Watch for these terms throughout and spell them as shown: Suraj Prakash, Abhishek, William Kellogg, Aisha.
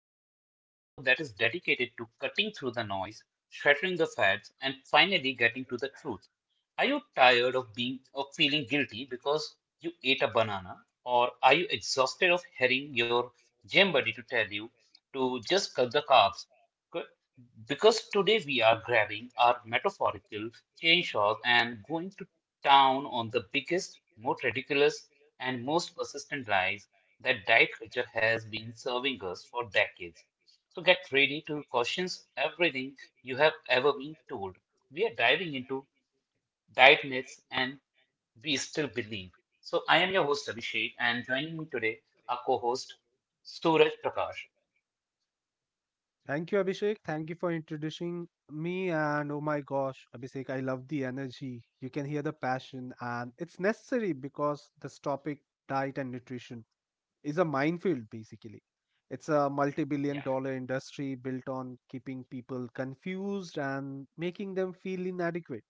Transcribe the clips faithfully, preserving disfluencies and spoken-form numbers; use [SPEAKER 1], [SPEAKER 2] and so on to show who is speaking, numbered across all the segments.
[SPEAKER 1] everyone, to the show that is dedicated to cutting through the noise, shattering the fads, and finally getting to the truth. Are you tired of being of feeling guilty because you ate a banana, or are you exhausted of hearing your gym buddy to tell you to just cut the carbs? Qu- Because today we are grabbing our metaphorical chainsaws and going to town on the biggest, most ridiculous, and most persistent lies that diet culture has been serving us for decades. So get ready to question everything you have ever been told. We are diving into diet myths, and we still believe. So I am your host Abhishek, and joining me today, our co-host Suraj Prakash.
[SPEAKER 2] Thank you, Abhishek. Thank you for introducing me. And oh my gosh, Abhishek, I love the energy. You can hear the passion, and it's necessary because this topic, diet and nutrition, is a minefield basically. It's a multi billion
[SPEAKER 1] Yeah.
[SPEAKER 2] dollar industry built on keeping people confused and making them feel inadequate.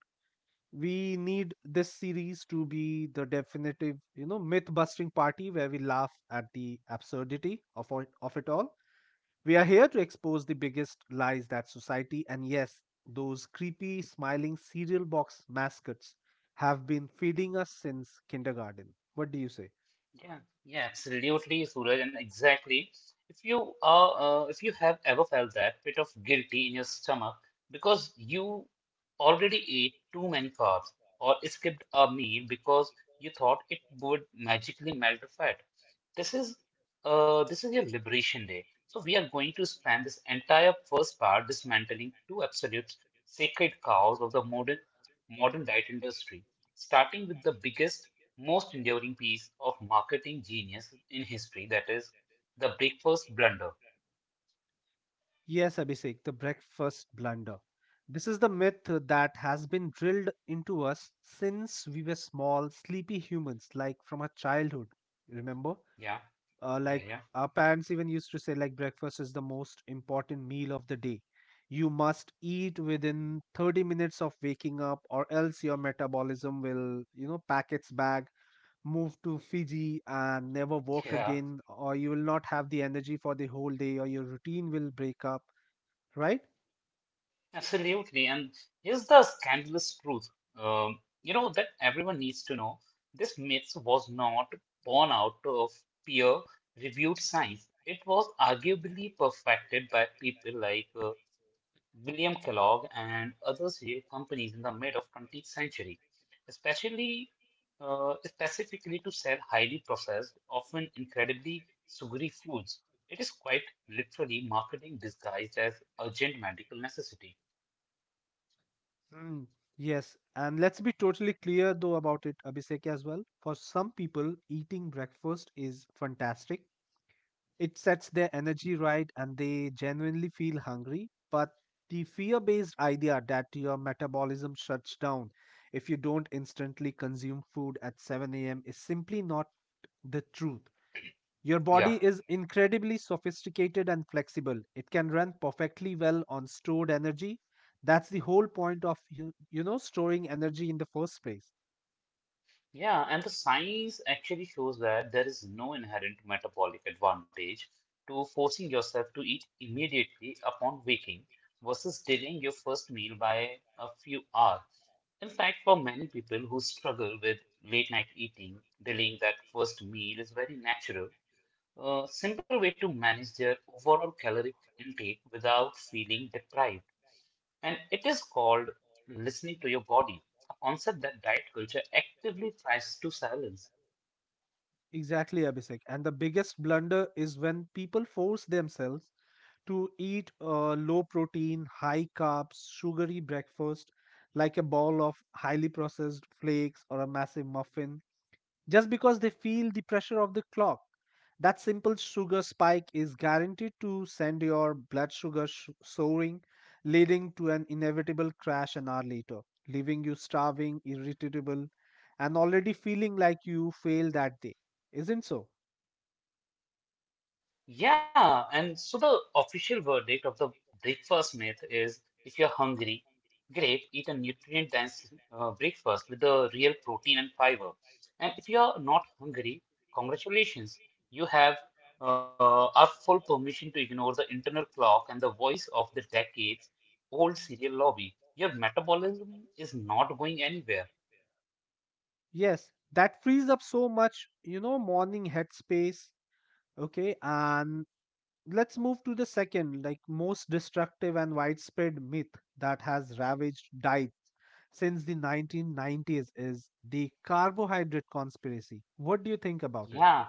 [SPEAKER 2] We need this series to be the definitive, you know, myth busting party where we laugh at the absurdity of, all, of it all. We are here to expose the biggest lies that society, and yes, those creepy smiling cereal box mascots have been feeding us since kindergarten. What do you say?
[SPEAKER 1] Yeah, yeah, absolutely, Suraj, and exactly. If you are, uh, if you have ever felt that bit of guilty in your stomach because you already ate too many carbs or skipped a meal because you thought it would magically melt the fat, this is, uh, this is your liberation day. So we are going to spend this entire first part dismantling two absolute sacred cows of the modern modern diet industry, starting with the biggest most enduring piece of marketing genius in history, that is the breakfast blunder.
[SPEAKER 2] Yes, Abhishek, the breakfast blunder. This is the myth that has been drilled into us since we were small, sleepy humans, like from our childhood. Remember?
[SPEAKER 1] yeah
[SPEAKER 2] Uh,
[SPEAKER 1] yeah
[SPEAKER 2] like,
[SPEAKER 1] yeah
[SPEAKER 2] our parents even used to say, like, breakfast is the most important meal of the day. You must eat within thirty minutes of waking up, or else your metabolism will, you know pack its bag, move to Fiji, and never work
[SPEAKER 1] Yeah,
[SPEAKER 2] again, or you will not have the energy for the whole day, or your routine will break up, right?
[SPEAKER 1] absolutely. And here's the scandalous truth, um, you know, that everyone needs to know. This myth was not born out of peer reviewed science. It was arguably perfected by people like uh, William Kellogg and other cereal companies in the mid of twentieth century, especially uh, specifically to sell highly processed, often incredibly sugary foods. It is quite literally marketing disguised as urgent medical necessity.
[SPEAKER 2] Mm, yes, and let's be totally clear though about it, Abhishek. As well, for some people eating breakfast is fantastic. It sets their energy right and they genuinely feel hungry. But the fear based idea that your metabolism shuts down if you don't instantly consume food at seven a m is simply not the truth. Your
[SPEAKER 1] Yeah.
[SPEAKER 2] body is incredibly sophisticated and flexible. It can run perfectly well on stored energy. That's the whole point of you, you know storing energy in the first place.
[SPEAKER 1] Yeah, and the science actually shows that there is no inherent metabolic advantage to forcing yourself to eat immediately upon waking versus delaying your first meal by a few hours. In fact, for many people who struggle with late night eating, delaying that first meal is very natural. A simple way to manage their overall caloric intake without feeling deprived, and it is called listening to your body, a concept that diet culture actively tries to silence.
[SPEAKER 2] Exactly, Abhishek. And the biggest blunder is when people force themselves to eat a low protein, high carbs, sugary breakfast, like a ball of highly processed flakes or a massive muffin just because they feel the pressure of the clock. That simple sugar spike is guaranteed to send your blood sugar sh- soaring, leading to an inevitable crash an hour later, leaving you starving, irritable, and already feeling like you failed that day. Isn't so?
[SPEAKER 1] Yeah, and so the official verdict of the breakfast myth is, if you're hungry, great, eat a nutrient dense uh, breakfast with the real protein and fiber. And if you're not hungry, congratulations, you have uh, our full permission to ignore the internal clock and the voice of the decades old cereal lobby. Your metabolism is not going anywhere.
[SPEAKER 2] Yes, that frees up so much, you know, morning headspace. Okay, and let's move to the second, like, most destructive and widespread myth that has ravaged diets since the nineteen nineties, is the carbohydrate conspiracy. What do you think about it?
[SPEAKER 1] Yeah,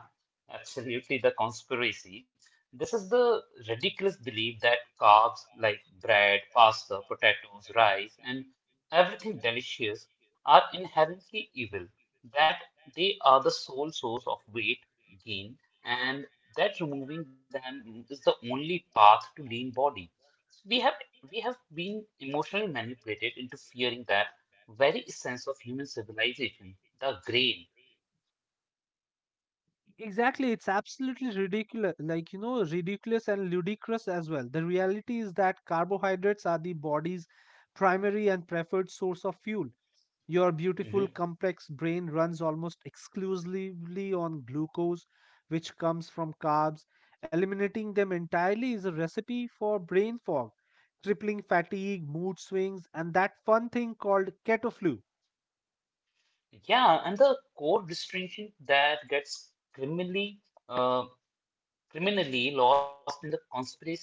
[SPEAKER 1] absolutely. The conspiracy. This is the ridiculous belief that carbs like bread, pasta, potatoes, rice, and everything delicious are inherently evil, that they are the sole source of weight gain, and that removing them is the only path to lean body. So we have we have been emotionally manipulated into fearing that very essence of human civilization, the grain.
[SPEAKER 2] Exactly, it's absolutely ridiculous, like, you know, ridiculous and ludicrous as well. The reality is that carbohydrates are the body's primary and preferred source of fuel. Your beautiful
[SPEAKER 1] Mm-hmm.
[SPEAKER 2] complex brain runs almost exclusively on glucose, which comes from carbs. Eliminating them entirely is a recipe for brain fog, crippling fatigue, mood swings, and that fun thing called keto flu.
[SPEAKER 1] Yeah, and the core distinction that gets criminally uh, criminally lost in the conspiracy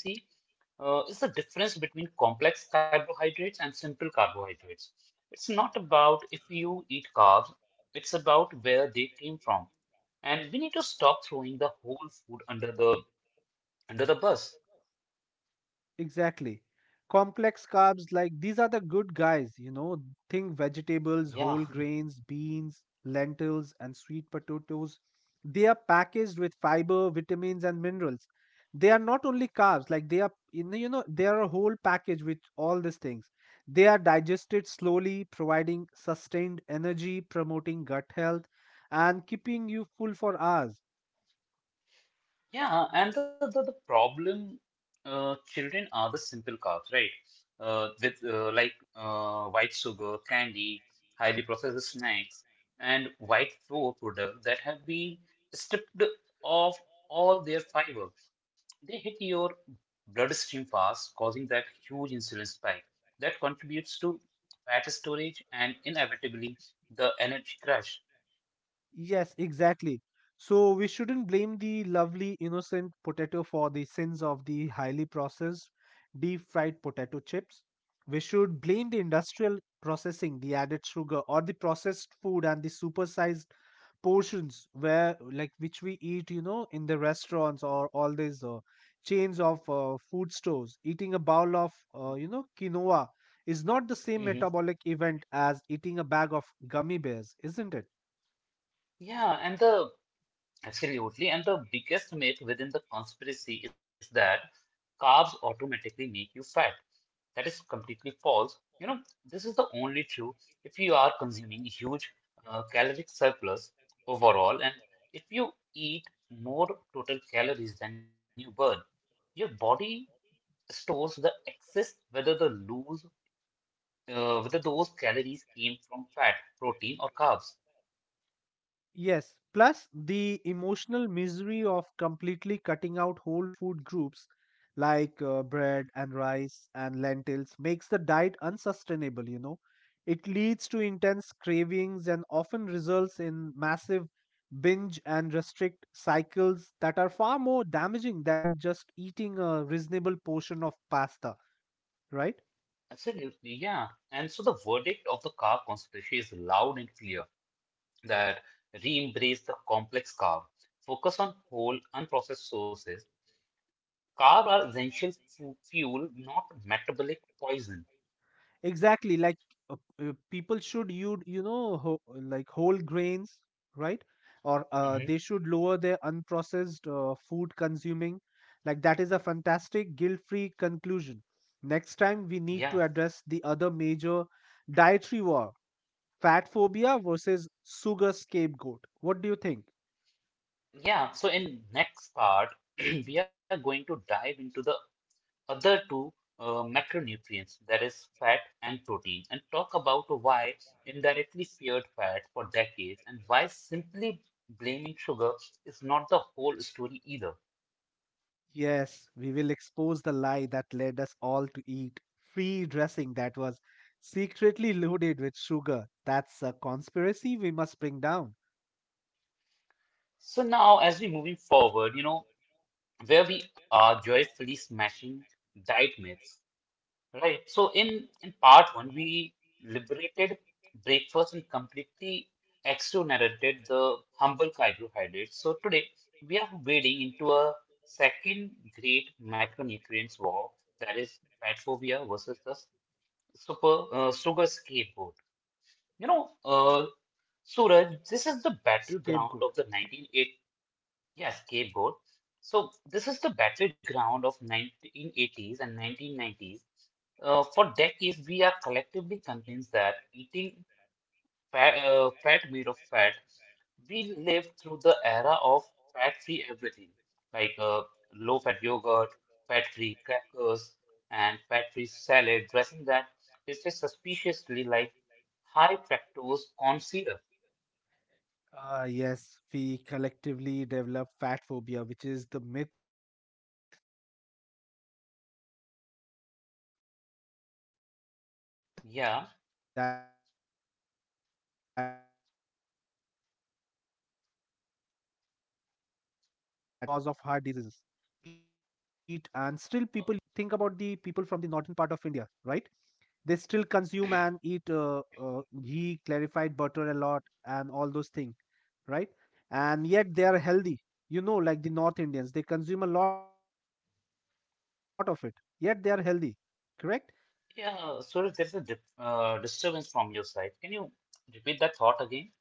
[SPEAKER 1] uh, is the difference between complex carbohydrates and simple carbohydrates. It's not about if you eat carbs, it's about where they came from. And we need to stop throwing the whole food under the under the bus.
[SPEAKER 2] Exactly. Complex carbs, like, these are the good guys, you know. Think vegetables,
[SPEAKER 1] Yeah.
[SPEAKER 2] whole grains, beans, lentils, and sweet potatoes. They are packaged with fiber, vitamins, and minerals. They are not only carbs, like, they are, in you know, they are a whole package with all these things. They are digested slowly, providing sustained energy, promoting gut health, and keeping you full for hours.
[SPEAKER 1] Yeah, and the, the, the problem uh, children are the simple carbs, right? Uh, with uh, like uh, white sugar, candy, highly processed snacks, and white flour products that have been stripped of all their fiber. They hit your bloodstream fast, causing that huge insulin spike that contributes to fat storage and inevitably the energy crash.
[SPEAKER 2] Yes, exactly. So we shouldn't blame the lovely innocent potato for the sins of the highly processed deep fried potato chips. We should blame the industrial processing, the added sugar, or the processed food and the supersized portions where, like, which we eat, you know, in the restaurants or all these uh, chains of uh, food stores. Eating a bowl of uh, you know quinoa is not the same
[SPEAKER 1] Mhm.
[SPEAKER 2] metabolic event as eating a bag of gummy bears, isn't it?
[SPEAKER 1] Yeah, and the Absolutely. And the biggest myth within the conspiracy is that carbs automatically make you fat. That is completely false. You know, this is the only true if you are consuming huge uh, caloric surplus overall, and if you eat more total calories than you burn, your body stores the excess, whether the lose, uh, whether those calories came from fat, protein, or carbs.
[SPEAKER 2] Yes, plus the emotional misery of completely cutting out whole food groups like uh, bread and rice and lentils makes the diet unsustainable, you know. It leads to intense cravings and often results in massive binge and restrict cycles that are far more damaging than just eating a reasonable portion of pasta, right?
[SPEAKER 1] Absolutely, yeah. And so the verdict of the car conspiracy is loud and clear that re-embrace the complex car, focus on whole, unprocessed sources. Carbs are essential fu- fuel, not metabolic poison.
[SPEAKER 2] Exactly, like, uh, uh, people should use, you know, ho- like, whole grains, right? Or uh, they
[SPEAKER 1] Mhm.
[SPEAKER 2] should lower their unprocessed uh, food consuming. Like, that is a fantastic guilt-free conclusion. Next time we need to
[SPEAKER 1] Yeah,
[SPEAKER 2] address the other major dietary war, fat phobia versus sugar scapegoat. What do you think?
[SPEAKER 1] yeah. So in next part, we are going to dive into the other two uh, macronutrients, that is fat and protein, and talk about why indirectly feared fat for decades and why simply blaming sugar is not the whole story either.
[SPEAKER 2] Yes, we will expose the lie that led us all to eat free dressing that was secretly loaded with sugar. That's a conspiracy we must bring down.
[SPEAKER 1] So now, as we moving forward, you know, where we are joyfully smashing diet myths. Right. So in in part one, we liberated breakfast and completely exonerated the humble carbohydrates. So today we are wading into a second great micronutrients war, that is fat phobia versus the super uh, sugar scapegoat. You know, uh,
[SPEAKER 2] Scapegoat.
[SPEAKER 1] Suraj, this is the battleground of the nineteen eighties. Yeah, scapegoat. So this is the battleground of nineteen eighties and nineteen nineties, uh, for decades, we are collectively convinced that eating fat, uh, fat made of fat, we lived through the era of fat-free everything, like uh, low-fat yogurt, fat-free crackers, and fat-free salad, dressing that tasted suspiciously like high fructose corn syrup.
[SPEAKER 2] Ah, yes, we collectively develop fat phobia, which is the myth that dietary fat is the enemy of health and the primary cause of heart diseases.
[SPEAKER 1] Yeah,
[SPEAKER 2] Like in India, we have uh, so many things, so many good fat uh, eat, and still people think about the
[SPEAKER 1] uh,
[SPEAKER 2] people from the northern part of India, right? They still consume and eat uh, uh, ghee, clarified butter a lot, and all those things, right? And yet they are healthy. You know, like the North Indians,
[SPEAKER 1] yeah. So there's a dip, uh, disturbance from your side. Can you repeat that thought again?